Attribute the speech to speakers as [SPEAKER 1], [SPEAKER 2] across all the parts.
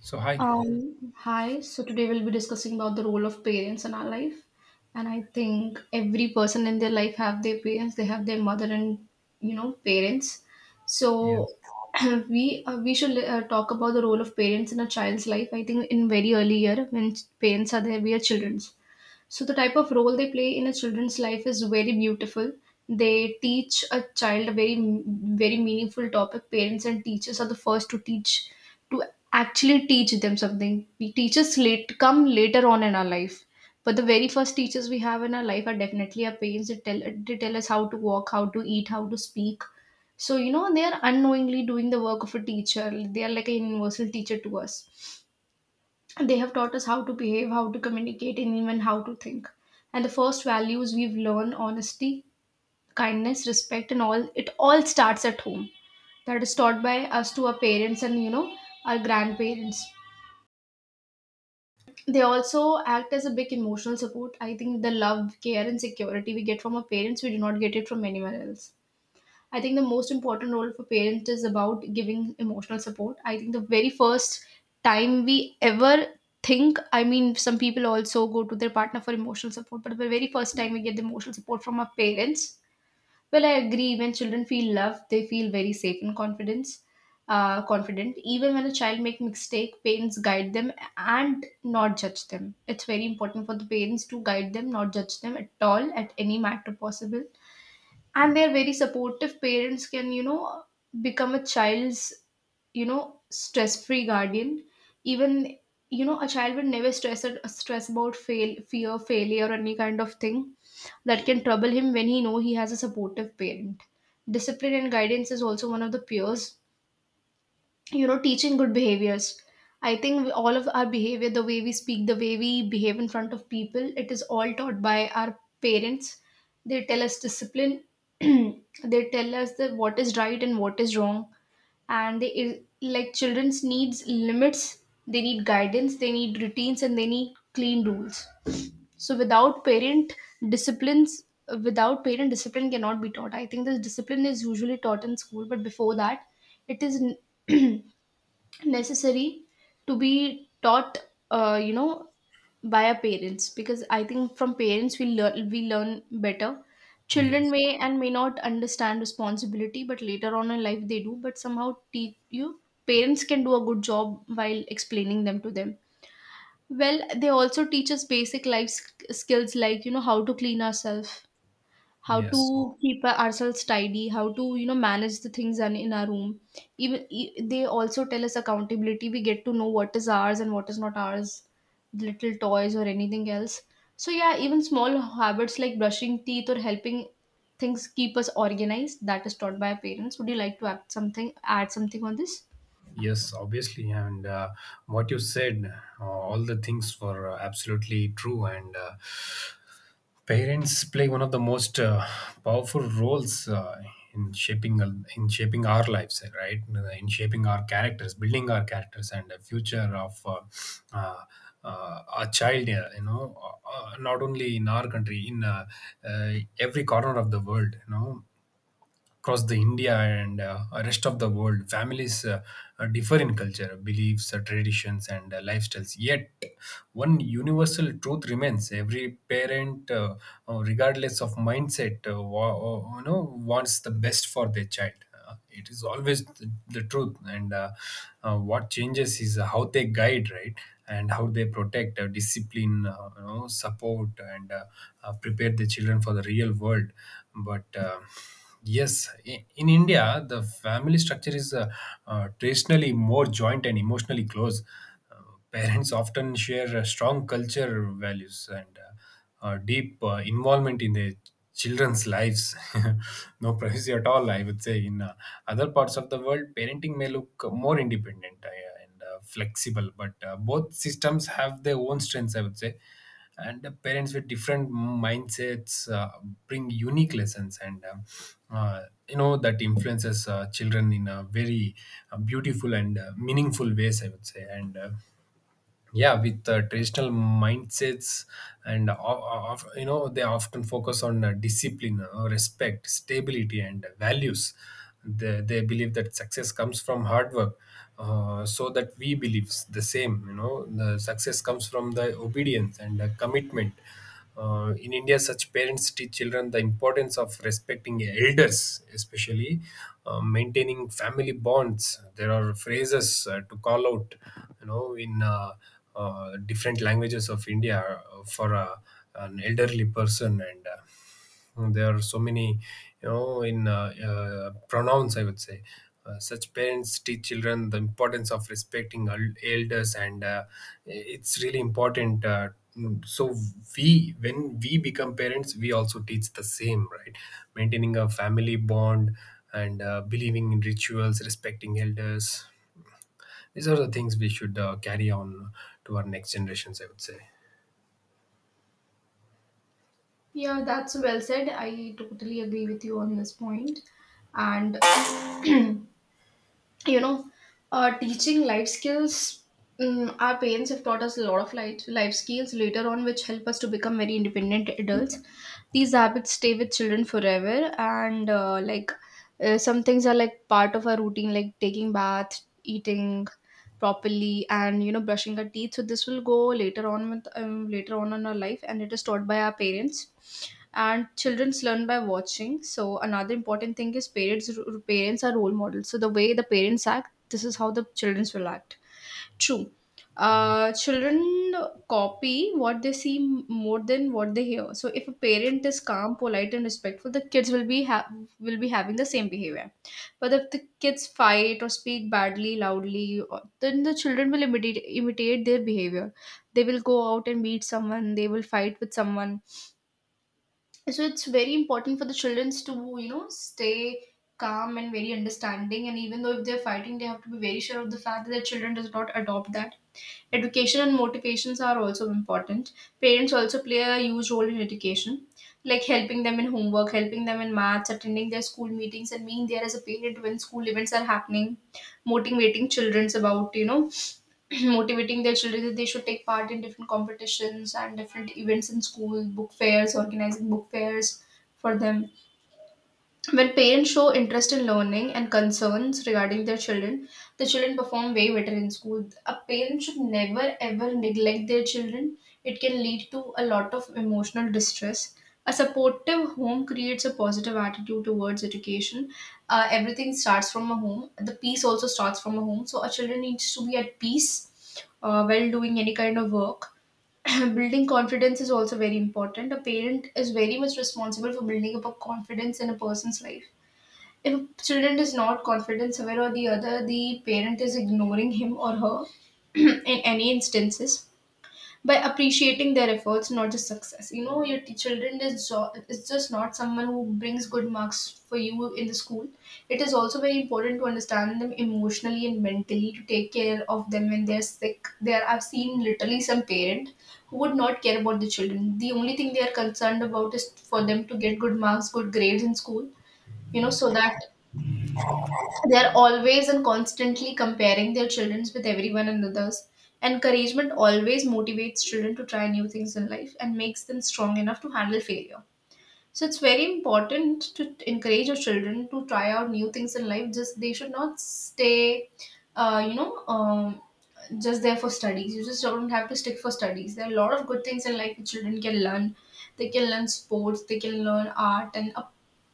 [SPEAKER 1] So hi.
[SPEAKER 2] Hi. So today we'll be discussing about the role of parents in our life, and I think every person in their life have their parents. They have their mother and parents.
[SPEAKER 1] Yes.
[SPEAKER 2] So we should talk about the role of parents in a child's life. I think in very early year when parents are there, we are childrens. So the type of role they play in a children's life is very beautiful. They teach a child a very very meaningful topic. Parents and teachers are the first to teach to actually teach them something. We teachers late come later on in our life. But the very first teachers we have in our life are definitely our parents. They tell us how to walk, how to eat, how to speak. So they are unknowingly doing the work of a teacher. They are like a universal teacher to us, they have taught us how to behave, how to communicate, and even how to think. And the first values we've learned, honesty, kindness, respect, and all it all starts at home. That is taught by us to our parents and our grandparents. They also act as a big emotional support. I think the love, care, and security we get from our parents, we do not get it from anyone else. I think the most important role for parents is about giving emotional support. I think the very first time we ever think, I mean, some people also go to their partner for emotional support, but the very first time we get the emotional support from our parents, well, I agree. When children feel loved, they feel very safe and confidence. Confident. Even when a child make mistake, parents guide them and not judge them. It's very important for the parents to guide them, not judge them at all at any matter possible, and they're very supportive parents can become a child's you know stress free guardian. Even a child will never stress about fail fear failure or any kind of thing that can trouble him when he know he has a supportive parent. Discipline and guidance is also one of the peers, teaching good behaviors. All of our behavior, the way we speak, the way we behave in front of people, it is all taught by our parents. They tell us discipline. They tell us that what is right and what is wrong, and they like children's needs, limits. They need guidance, they need routines, and they need clean rules. So without parent disciplines, without parent discipline cannot be taught. I think this discipline is usually taught in school, but before that it is necessary to be taught uh, you know by our parents, because I think from parents we learn better. Children
[SPEAKER 1] Yes.
[SPEAKER 2] may and may not understand responsibility, but later on in life they do, but somehow teach you. Parents can do a good job while explaining them to them. Well, they also teach us basic life skills, like how to clean ourselves, how to
[SPEAKER 1] Yes.
[SPEAKER 2] keep ourselves tidy, how to manage the things in our room. They also tell us accountability. We get to know what is ours and what is not ours, little toys or anything else. So yeah, even small habits like brushing teeth or helping things keep us organized, that is taught by our parents. Would you like to add something on this?
[SPEAKER 1] Yes. Obviously, and what you said, all the things were absolutely true. And parents play one of the most powerful roles in shaping our lives, right? In shaping our characters, building our characters, and the future of uh, a child. You know, not only in our country, in uh, every corner of the world. You know, across the India and rest of the world, families differ in culture, beliefs, traditions, and lifestyles. Yet, one universal truth remains: every parent, regardless of mindset, wants the best for their child. It is always the truth, and what changes is how they guide, right? And how they protect, discipline, support, and prepare the children for the real world. But yes, in India, the family structure is traditionally more joint and emotionally close. Uh, Parents often share strong culture values and deep involvement in their children's lives. No privacy at all, I would say. In other parts of the world, parenting may look more independent. And flexible. But both systems have their own strengths, I would say. And parents with different mindsets bring unique lessons, and uh, you know that influences children in a very beautiful and meaningful ways, I would say. And yeah, with traditional mindsets and you know, they often focus on discipline, respect, stability, and values. They believe that success comes from hard work. So that we believe the same, you know, the success comes from the obedience and commitment. In India, such parents teach children the importance of respecting elders, especially maintaining family bonds. There are phrases to call out, you know, in different languages of India for an elderly person and. Mm, there are so many, you know, in pronouns, I would say. Such parents teach children the importance of respecting elders, and it's really important. Mm, so we when we become parents, we also teach the same, right? Maintaining a family bond and believing in rituals, respecting elders, these are the things we should carry on to our next generations, I would say.
[SPEAKER 2] Yeah, that's well said. I totally agree with you on this point. And you know teaching life skills. Mm, our parents have taught us a lot of life skills later on, which help us to become very independent adults. These habits stay with children forever, and like some things are like part of our routine, like taking bath, eating properly, and brushing our teeth. So this will go later on with later on in our life, and it is taught by our parents. And childrens learn by watching. So another important thing is parents are role models. So the way the parents act, this is how the childrens will act. True. Uh, children copy what they see more than what they hear. So if a parent is calm, polite, and respectful, the kids will will be having the same behavior. But if the kids fight or speak badly loudly then the children will imitate their behavior. They will go out and meet someone, they will fight with someone. So it's very important for the children to stay calm and very understanding, and even though if they're fighting, they have to be very sure of the fact that their children does not adopt that. Education and motivations are also important. Parents also play a huge role in education, like helping them in homework, helping them in maths, attending their school meetings, and being there as a parent when school events are happening. Motivating children about motivating their children that they should take part in different competitions and different events in school, book fairs, organizing book fairs for them. When parents show interest in learning and concerns regarding their children, the children perform way better in school. A parent should never ever neglect their children. It can lead to a lot of emotional distress. A supportive home creates a positive attitude towards education. Everything starts from a home. The peace also starts from a home. So, a children needs to be at peace while doing any kind of work. Building confidence is also very important. A parent is very much responsible for building up a confidence in a person's life. If a student is not confident somewhere or the other, the parent is ignoring him or her in any instances, by appreciating their efforts, not just success. Your children is, is just not someone who brings good marks for you in the school. It is also very important to understand them emotionally and mentally, to take care of them when they're sick. There I've seen literally some parent who would not care about the children. The only thing they are concerned about is for them to get good marks, good grades in school. So that they're always and constantly comparing their children with everyone and others. Encouragement always motivates children to try new things in life and makes them strong enough to handle failure. So it's very important to encourage your children to try out new things in life. Just they should not stay, uh, you know, um, just there for studies. You just don't have to stick for studies. There are a lot of good things in life that children can learn. They can learn sports. They can learn art, and a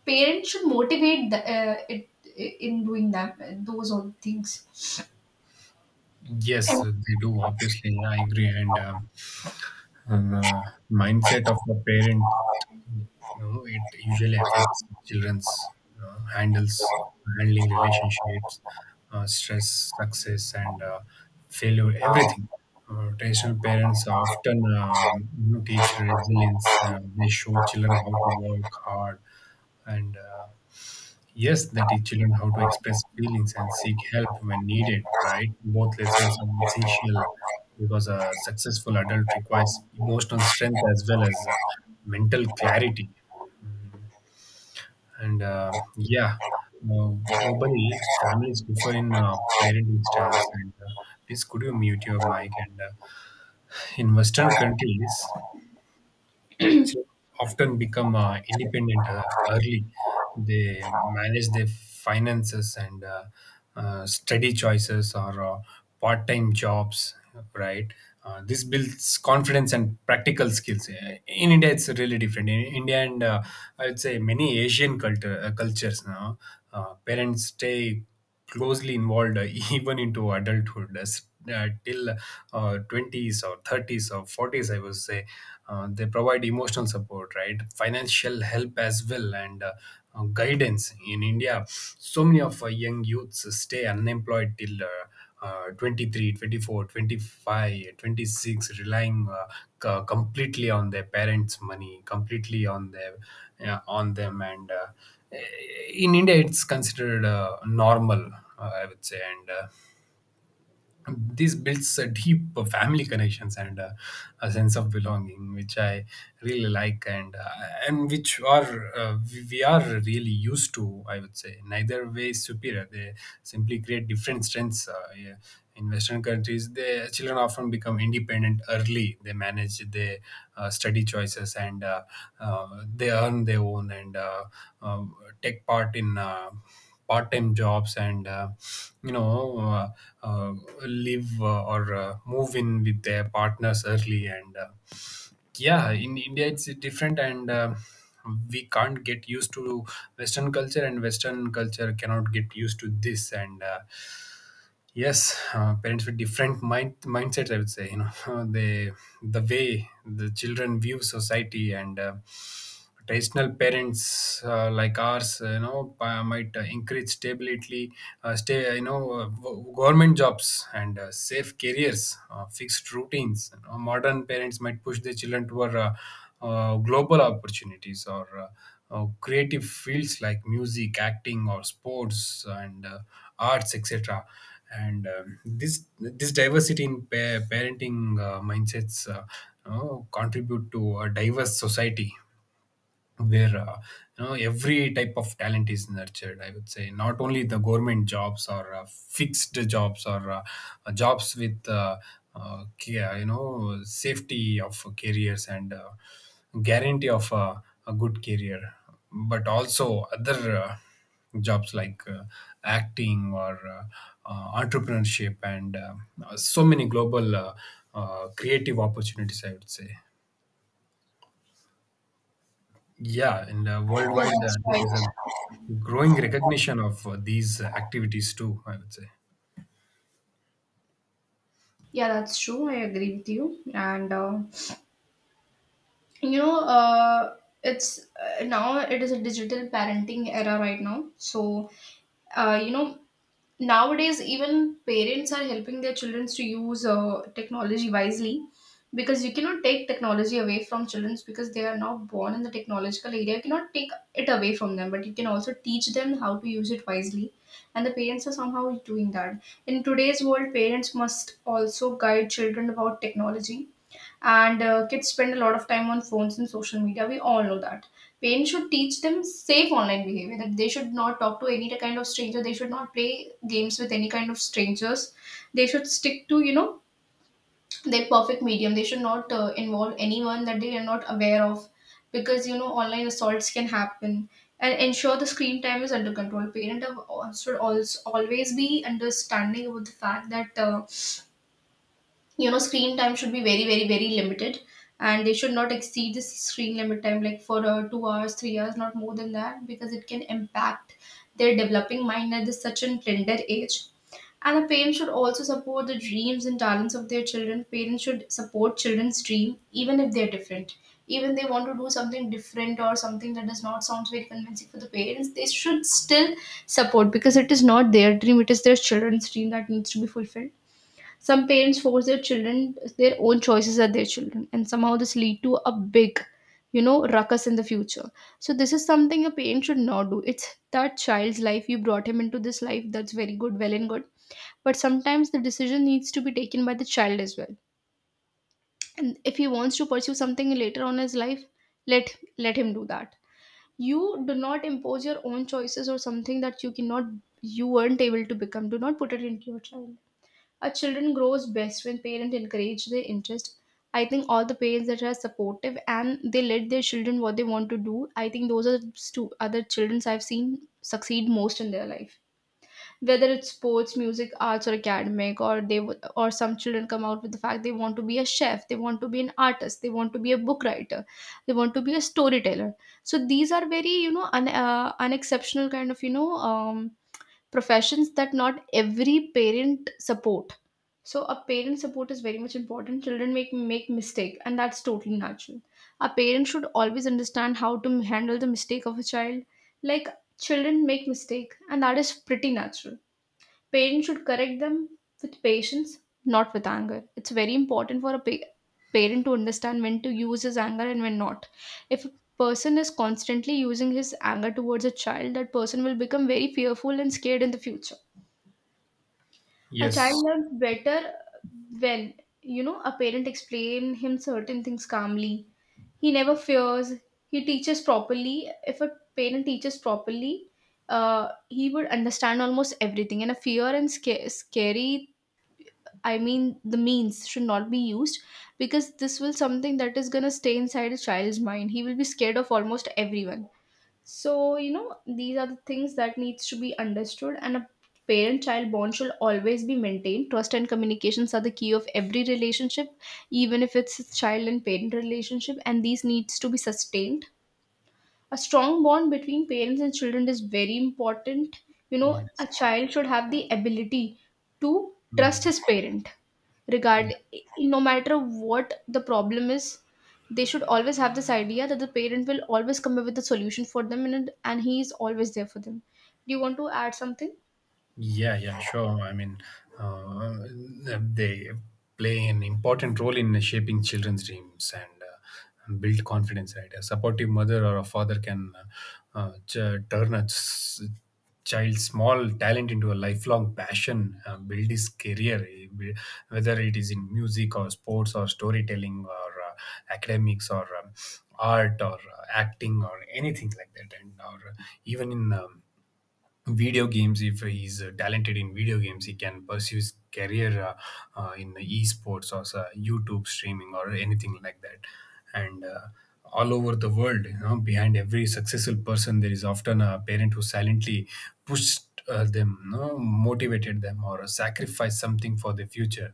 [SPEAKER 2] parent should motivate the, it in doing that those all things.
[SPEAKER 1] Yes, they do, obviously. I agree. And and uh, mindset of the parent, you know, it usually affects children's, you know, handles handling relationships, stress, success, and failure, everything. Traditional parents often you know, teach resilience. They show children how to work hard, and yes, that teach children how to express feelings and seek help when needed, right? Both lessons are essential because a successful adult requires emotional strength as well as mental clarity. And yeah, uh, globally, families differ in parenting styles. And please, could you mute your mic? And in Western countries, so often become independent early. They manage their finances and study choices or part time jobs, right? This builds confidence and practical skills. In India, it's really different. In India, and I'd say many cultures now, parents stay closely involved, even into adulthood, as till 20s or 30s or 40s, I would say. They provide emotional support, right, financial help as well, and guidance. In India, so many of young youths stay unemployed till 23, 24, 25, 26, relying completely on their parents' money, completely on their on them, and in India it's considered normal, I would say. And this builds a deep family connections and a sense of belonging, which I really like. And which are we are really used to, I would say. Neither way is superior. They simply create different strengths. Yeah. In Western countries, the children often become independent early. They manage their study choices and they earn their own, and um, take part in part-time jobs, and you know, uh, live or move in with their partners early, and yeah, in India it's different, and we can't get used to Western culture, and Western culture cannot get used to this, and yes. Parents with different mindsets, I would say, you know, they, the way the children view society, and traditional parents, like ours, you know, might encourage stability, stay, you know, government jobs and safe careers, fixed routines. You know, modern parents might push their children toward global opportunities or creative fields like music, acting, or sports, and arts, etc. And this diversity in parenting mindsets, you know, contribute to a diverse society where you know, every type of talent is nurtured, I would say. Not only the government jobs or fixed jobs or jobs with you know, safety of careers and guarantee of a good career, but also other jobs like acting or entrepreneurship, and so many global creative opportunities, I would say. Yeah, and
[SPEAKER 2] Yeah,
[SPEAKER 1] worldwide,
[SPEAKER 2] that's
[SPEAKER 1] there
[SPEAKER 2] right.
[SPEAKER 1] is a growing recognition of these activities too, I would say.
[SPEAKER 2] Yeah, that's true. I agree with you. And you know uh, it's now it is a digital parenting era right now. So uh, you know nowadays even parents are helping their children to use technology wisely, because you cannot take technology away from children, because they are now born in the technological area. You cannot take it away from them, but you can also teach them how to use it wisely, and the parents are somehow doing that. In today's world, parents must also guide children about technology, and kids spend a lot of time on phones and social media, we all know that. Parents should teach them safe online behavior, that they should not talk to any kind of stranger, they should not play games with any kind of strangers. They should stick to their perfect medium, they should not involve anyone that they are not aware of, because online assaults can happen. And ensure the screen time is under control. Should also always be understanding about the fact that screen time should be very very very limited, and they should not exceed this screen limit time, like for 2 hours, 3 hours, not more than that, because it can impact their developing mind at this such a tender age. And the parents should also support the dreams and talents of their children. Parents should support children's dream even if they're different, even they want to do something different or something that does not sound very convincing for the parents. They should still support, because it is not their dream, it is their children's dream that needs to be fulfilled. Some parents force their children their own choices are their children, and somehow this lead to a big, ruckus in the future. So this is something a parent should not do. It's that child's life. You brought him into this life. That's very good, well and good. But sometimes the decision needs to be taken by the child as well. And if he wants to pursue something later on in his life, let him do that. You do not impose your own choices or something that you weren't able to become. Do not put it into your child. Our children grows best when parents encourage their interest. I think all the parents that are supportive and they let their children what they want to do. I think those are other children I've seen succeed most in their life. Whether it's sports, music, arts, or academic, or some children come out with the fact they want to be a chef, they want to be an artist, they want to be a book writer, they want to be a storyteller. So these are very unexceptional kind of professions that not every parent support, so a parent support is very much important. Children make mistake, and that's totally natural. A parent should always understand how to handle the mistake of a child. Like children make mistake, and that is pretty natural. Parents should correct them with patience, not with anger. It's very important for a parent to understand when to use his anger and when not. If a person is constantly using his anger towards a child, that person will become very fearful and scared in the future. A
[SPEAKER 1] Yes.
[SPEAKER 2] child learns better when, you know, a parent explain him certain things calmly. He never fears. He teaches properly. If a parent teaches properly, he would understand almost everything. And a fear and scary, I mean, the means should not be used, because this will something that is going to stay inside a child's mind. He will be scared of almost everyone. So, you know, these are the things that needs to be understood, and a parent child bond should always be maintained. Trust and communications are the key of every relationship, even if it's a child and parent relationship, and these needs to be sustained. A strong bond between parents and children is very important, you know. A
[SPEAKER 1] Yes.
[SPEAKER 2] child should have the ability to trust
[SPEAKER 1] Mhm.
[SPEAKER 2] his parent, regard no matter what the problem is. They should always have this idea that the parent will always come up with a solution for them, and he is always there for them. Do you want to add something?
[SPEAKER 1] Yeah, yeah, sure. I mean, uh, they play an important role in shaping children's dreams and build confidence, right? A supportive mother or a father can turn a child's small talent into a lifelong passion, build his career, whether it is in music or sports or storytelling or academics or art or acting or anything like that, and or even in video games. If he's talented in video games, he can pursue his career in esports or so YouTube streaming or anything like that. And all over the world, you know, behind every successful person there is often a parent who silently pushed them, you know, motivated them or sacrificed something for the future.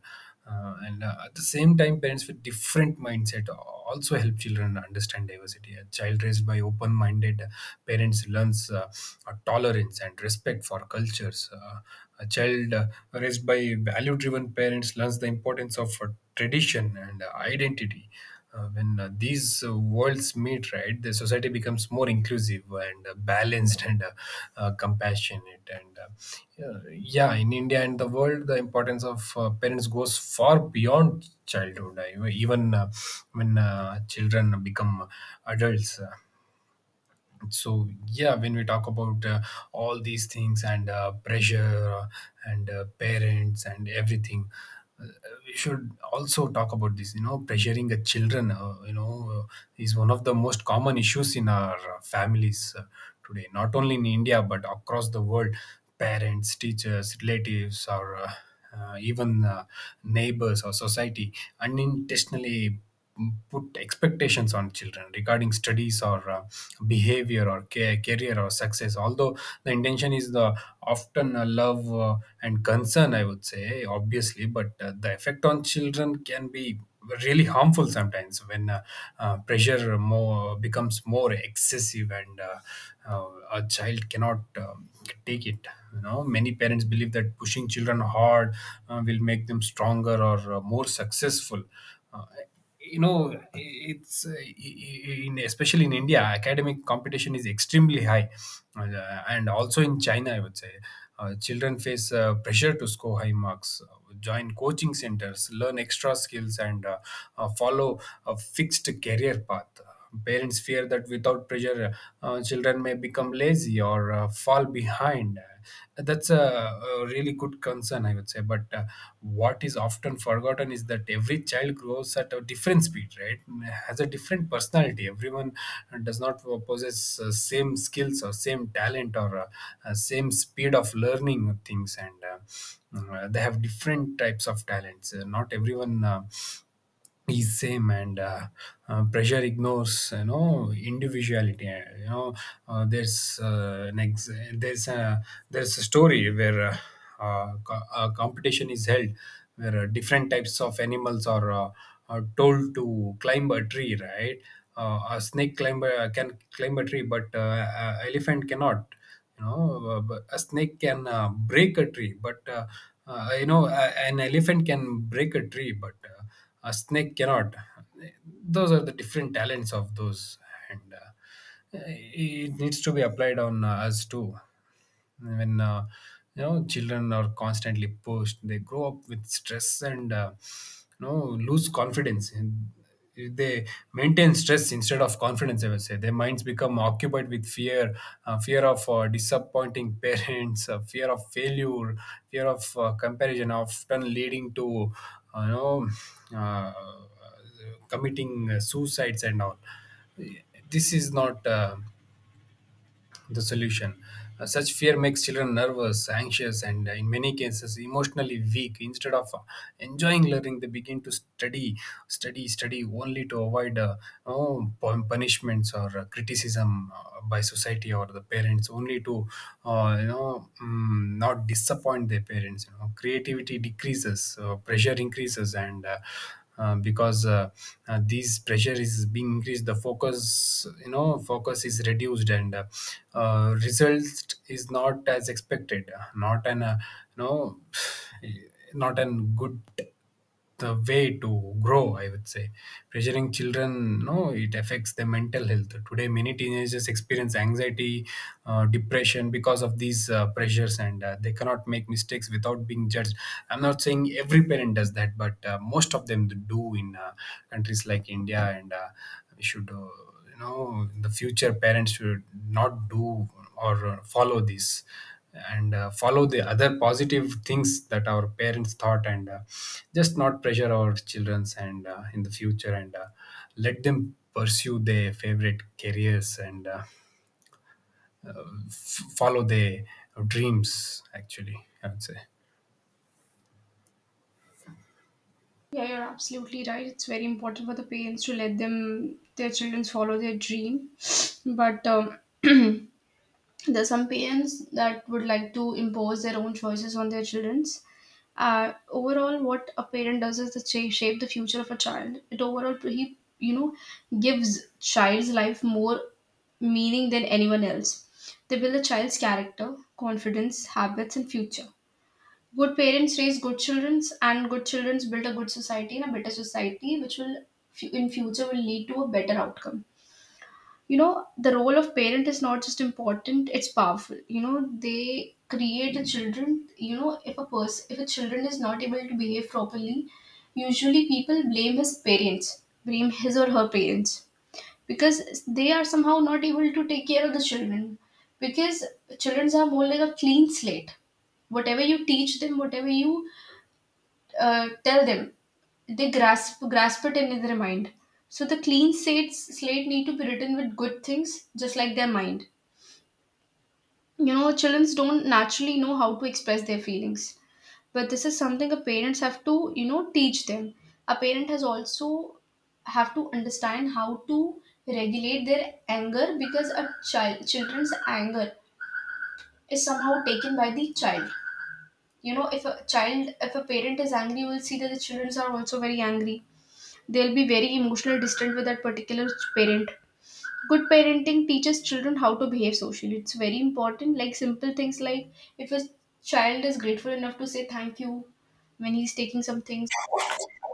[SPEAKER 1] And At the same time, parents with different mindset also help children understand diversity. A child raised by open-minded parents learns tolerance and respect for cultures. A child raised by value-driven parents learns the importance of tradition and identity. When these worlds meet, right, the society becomes more inclusive and balanced and compassionate, and yeah, yeah, in India and the world, the importance of parents goes far beyond childhood. Even when children become adults. So yeah, when we talk about all these things and pressure uh, and parents and everything, uh, we should also talk about this, you know, pressuring the children, you know, is one of the most common issues in our families today, not only in India but across the world. Parents, teachers, relatives, or even neighbors or society unintentionally put expectations on children regarding studies or behavior or career or success. Although the intention is the often love and concern, I would say, obviously, but the effect on children can be really harmful sometimes when pressure more becomes more excessive, and a child cannot take it. You know, many parents believe that pushing children hard will make them stronger or more successful. uh, you know, it's in especially in India academic competition is extremely high, and also in China, I would say. Children face pressure to score high marks, join coaching centers, learn extra skills, and follow a fixed career path. Parents fear that without pressure, children may become lazy or fall behind. That's a really good concern, I would say. But what is often forgotten is that every child grows at a different speed, right? Has a different personality. Everyone does not possess same skills or same talent or same speed of learning things, and they have different types of talents. Not everyone. Is same and pressure ignores individuality. Uh, there's uh, an ex- there's a there's a story where a competition is held where different types of animals are told to climb a tree, right? A snake climber can climb a tree, but a elephant cannot. But a snake can break a tree, but uh, you know a, an elephant can break a tree, but a snake cannot. Those are the different talents of those, and it needs to be applied on us too. When children are constantly pushed, they grow up with stress and, you know lose confidence. They maintain stress instead of confidence, I would say. Their minds become occupied with fear, fear of disappointing parents, fear of failure, fear of comparison, often leading to uh, you know uh, committing suicides and all. This is not the solution. Such fear makes children nervous, anxious, and in many cases emotionally weak. Instead of enjoying learning, they begin to study, study, study only to avoid punishments or criticism by society or the parents, only to not disappoint their parents. You know, creativity decreases, pressure increases, and because these pressure is being increased, the focus you know focus is reduced, and result is not as expected, not an you know not an good the way to grow, I would say. Pressuring children, no, it affects their mental health. Today many teenagers experience anxiety, depression because of these pressures, and they cannot make mistakes without being judged. I'm not saying every parent does that, but most of them do in countries like India, and we should, in the future parents should not do or follow this, and follow the other positive things that our parents thought, and just not pressure our childrens, and in the future, and let them pursue their favorite careers, and follow their dreams, actually, I would say.
[SPEAKER 2] Yeah, you're absolutely right. It's very important for the parents to let them their children follow their dream, but there's some parents that would like to impose their own choices on their children's. Overall, what a parent does is to shape the future of a child. It overall, he, you know, gives child's life more meaning than anyone else. They build a child's character, confidence, habits, and future. Good parents raise good children, and good children build a good society and a better society, which will in future will lead to a better outcome. You know, the role of parent is not just important, it's powerful. You know, they create the children. You know, if a children is not able to behave properly, usually people blame his or her parents, because they are somehow not able to take care of the children, because children are more like a clean slate. Whatever you teach them, whatever you tell them, they grasp it in their mind. So the clean slate need to be written with good things, just like their mind. You know, children don't naturally know how to express their feelings, but this is something a parents have to, you know, teach them. A parent has also have to understand how to regulate their anger, because a child children's anger is somehow taken by the child. You know, if a child, if a parent is angry, you will see that the children are also very angry. They'll be very emotional distant with that particular parent. Good parenting teaches children how to behave socially. It's very important, like simple things like if a child is grateful enough to say thank you when he's taking some things,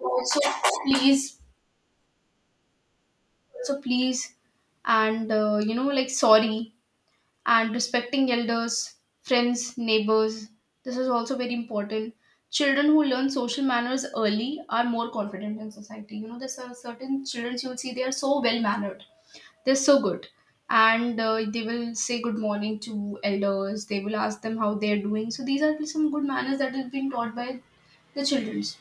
[SPEAKER 2] also please, so please, and you know, like sorry, and respecting elders, friends, neighbors. This is also very important. Children who learn social manners early are more confident in society. You know, there's some certain children you'll see they are so well mannered. They're so good. And they will say good morning to elders. They will ask them how they're doing. So these are some good manners that is being taught by the childrens.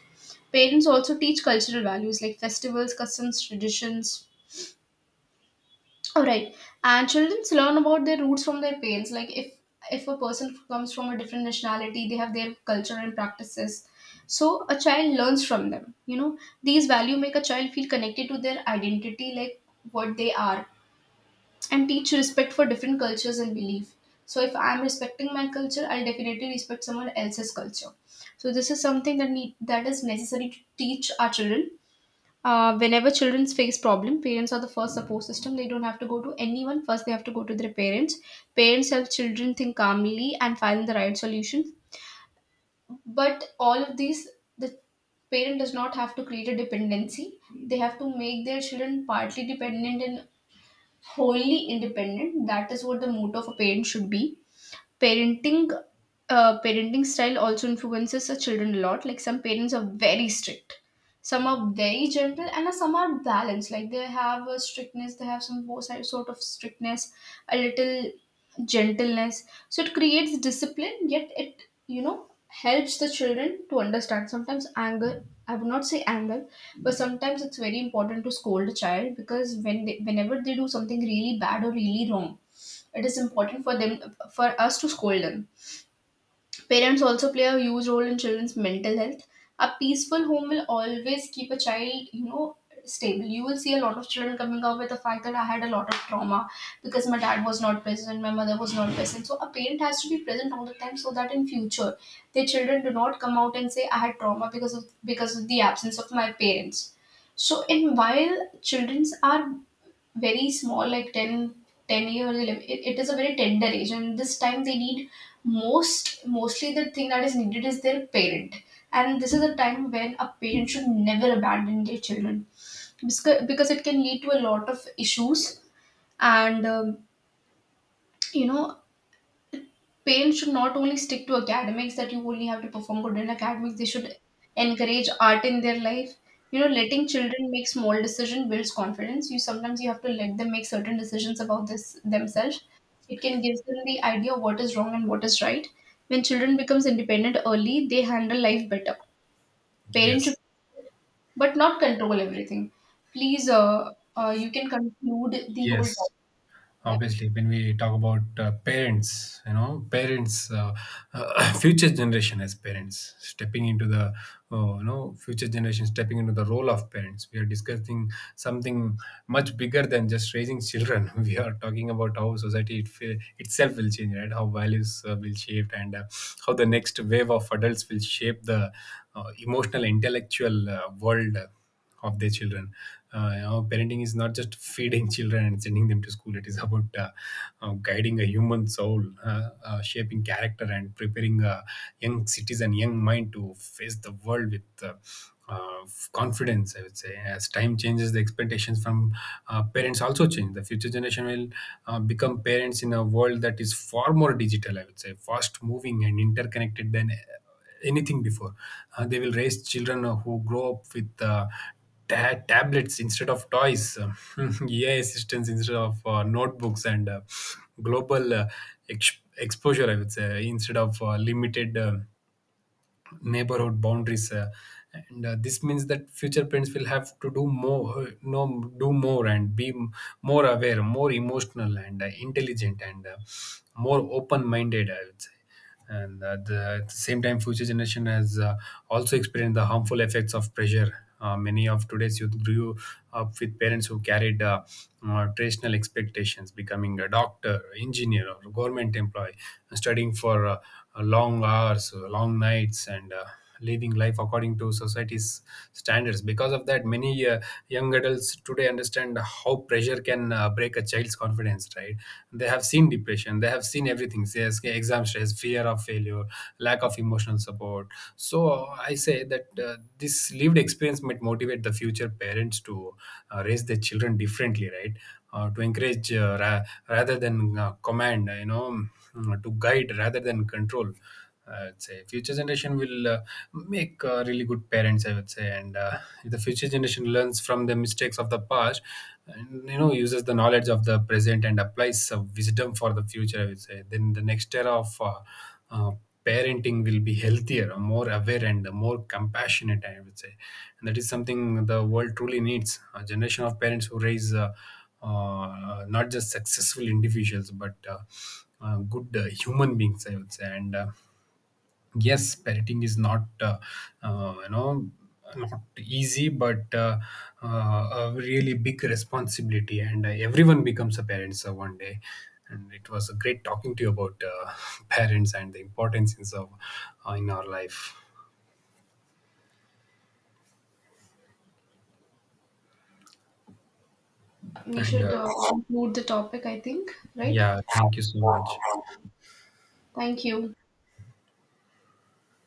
[SPEAKER 2] Parents also teach cultural values like festivals, customs, traditions. All right, and children learn about their roots from their parents. Like if a person comes from a different nationality, they have their culture and practices. So a child learns from them. You know, these value make a child feel connected to their identity, like what they are, and teach respect for different cultures and belief. So if I'm respecting my culture, I'll definitely respect someone else's culture. So this is something that need that is necessary to teach our children. Whenever children face problem, parents are the first support system. They don't have to go to anyone. First, they have to go to their parents. Parents help children think calmly and find the right solutions. But all of these, the parent does not have to create a dependency. They have to make their children partly dependent in wholly independent. That is what the motto of a parent should be. Parenting parenting style also influences the children a lot. Like some parents are very strict, some are very gentle, and some are balanced. Like they have a strictness, they have some sort of strictness, a little gentleness. So it creates discipline, yet it, you know, helps the children to understand. Sometimes anger, I would not say anger, but sometimes it's very important to scold a child, because whenever they do something really bad or really wrong, it is important for them for us to scold them. Parents also play a huge role in children's mental health. A peaceful home will always keep a child, you know, stable. You will see a lot of children coming up with the fact that I had a lot of trauma because my dad was not present, my mother was not present. So a parent has to be present all the time so that in future their children do not come out and say I had trauma because of the absence of my parents. So in while childrens are very small like 10, 10 years 11, it is a very tender age, and this time they need mostly the thing that is needed is their parent, and this is a time when a parent should never abandon their children, because it can lead to a lot of issues. And you know Parents should not only stick to academics that you only have to perform good in academics, they should encourage art in their life. You know, letting children make small decisions builds confidence. You sometimes you have to let them make certain decisions about this themselves. It can give them the idea of what is wrong and what is right. When children becomes independent early, they handle life better. Parents should
[SPEAKER 1] Yes.
[SPEAKER 2] but not control everything. Please you can conclude the whole
[SPEAKER 1] Yes.
[SPEAKER 2] topic. Yeah.
[SPEAKER 1] Obviously when we talk about parents, future generation, as parents stepping into the future generation stepping into the role of parents, we are discussing something much bigger than just raising children. We are talking about how society itself will change, right? How values will shape, and how the next wave of adults will shape the emotional, intellectual world of their children. You know, parenting is not just feeding children and sending them to school. It is about guiding a human soul, shaping character, and preparing a young citizen, young mind to face the world with confidence, I would say. As time changes, the expectations from parents also change. The future generation will become parents in a world that is far more digital, I would say, fast moving and interconnected than anything before. They will raise children who grow up with tablets instead of toys, AI assistants instead of notebooks, and global exposure, I would say, instead of limited neighborhood boundaries, and this means that future parents will have to do more, no do more and be more aware, more emotional, and intelligent, and more open minded, I would say. And the, at the same time, future generation has also experienced the harmful effects of pressure. Many of today's youth grew up with parents who carried traditional expectations: becoming a doctor, engineer, or government employee, studying for long hours, long nights, and living life according to society's standards. Because of that, many young adults today understand how pressure can break a child's confidence, right? They have seen depression, they have seen everything, say, exam stress, fear of failure, lack of emotional support. So I say that this lived experience might motivate the future parents to raise their children differently, right? To encourage rather than command, you know, to guide rather than control. I'd say future generation will make really good parents, I would say, and if the future generation learns from the mistakes of the past, and you know uses the knowledge of the present and applies some wisdom for the future, I would say, then the next era of uh, parenting will be healthier, more aware, and more compassionate, I would say, and that is something the world truly needs. A generation of parents who raise not just successful individuals, but good human beings, I would say. And yes, parenting is not uh, you know not easy, but a really big responsibility, and everyone becomes a parent so one day. And it was a great talking to you about, parents and the importance of in our life.
[SPEAKER 2] We
[SPEAKER 1] And
[SPEAKER 2] should conclude the topic, I think, right?
[SPEAKER 1] yeah, thank you so much.
[SPEAKER 2] Thank you.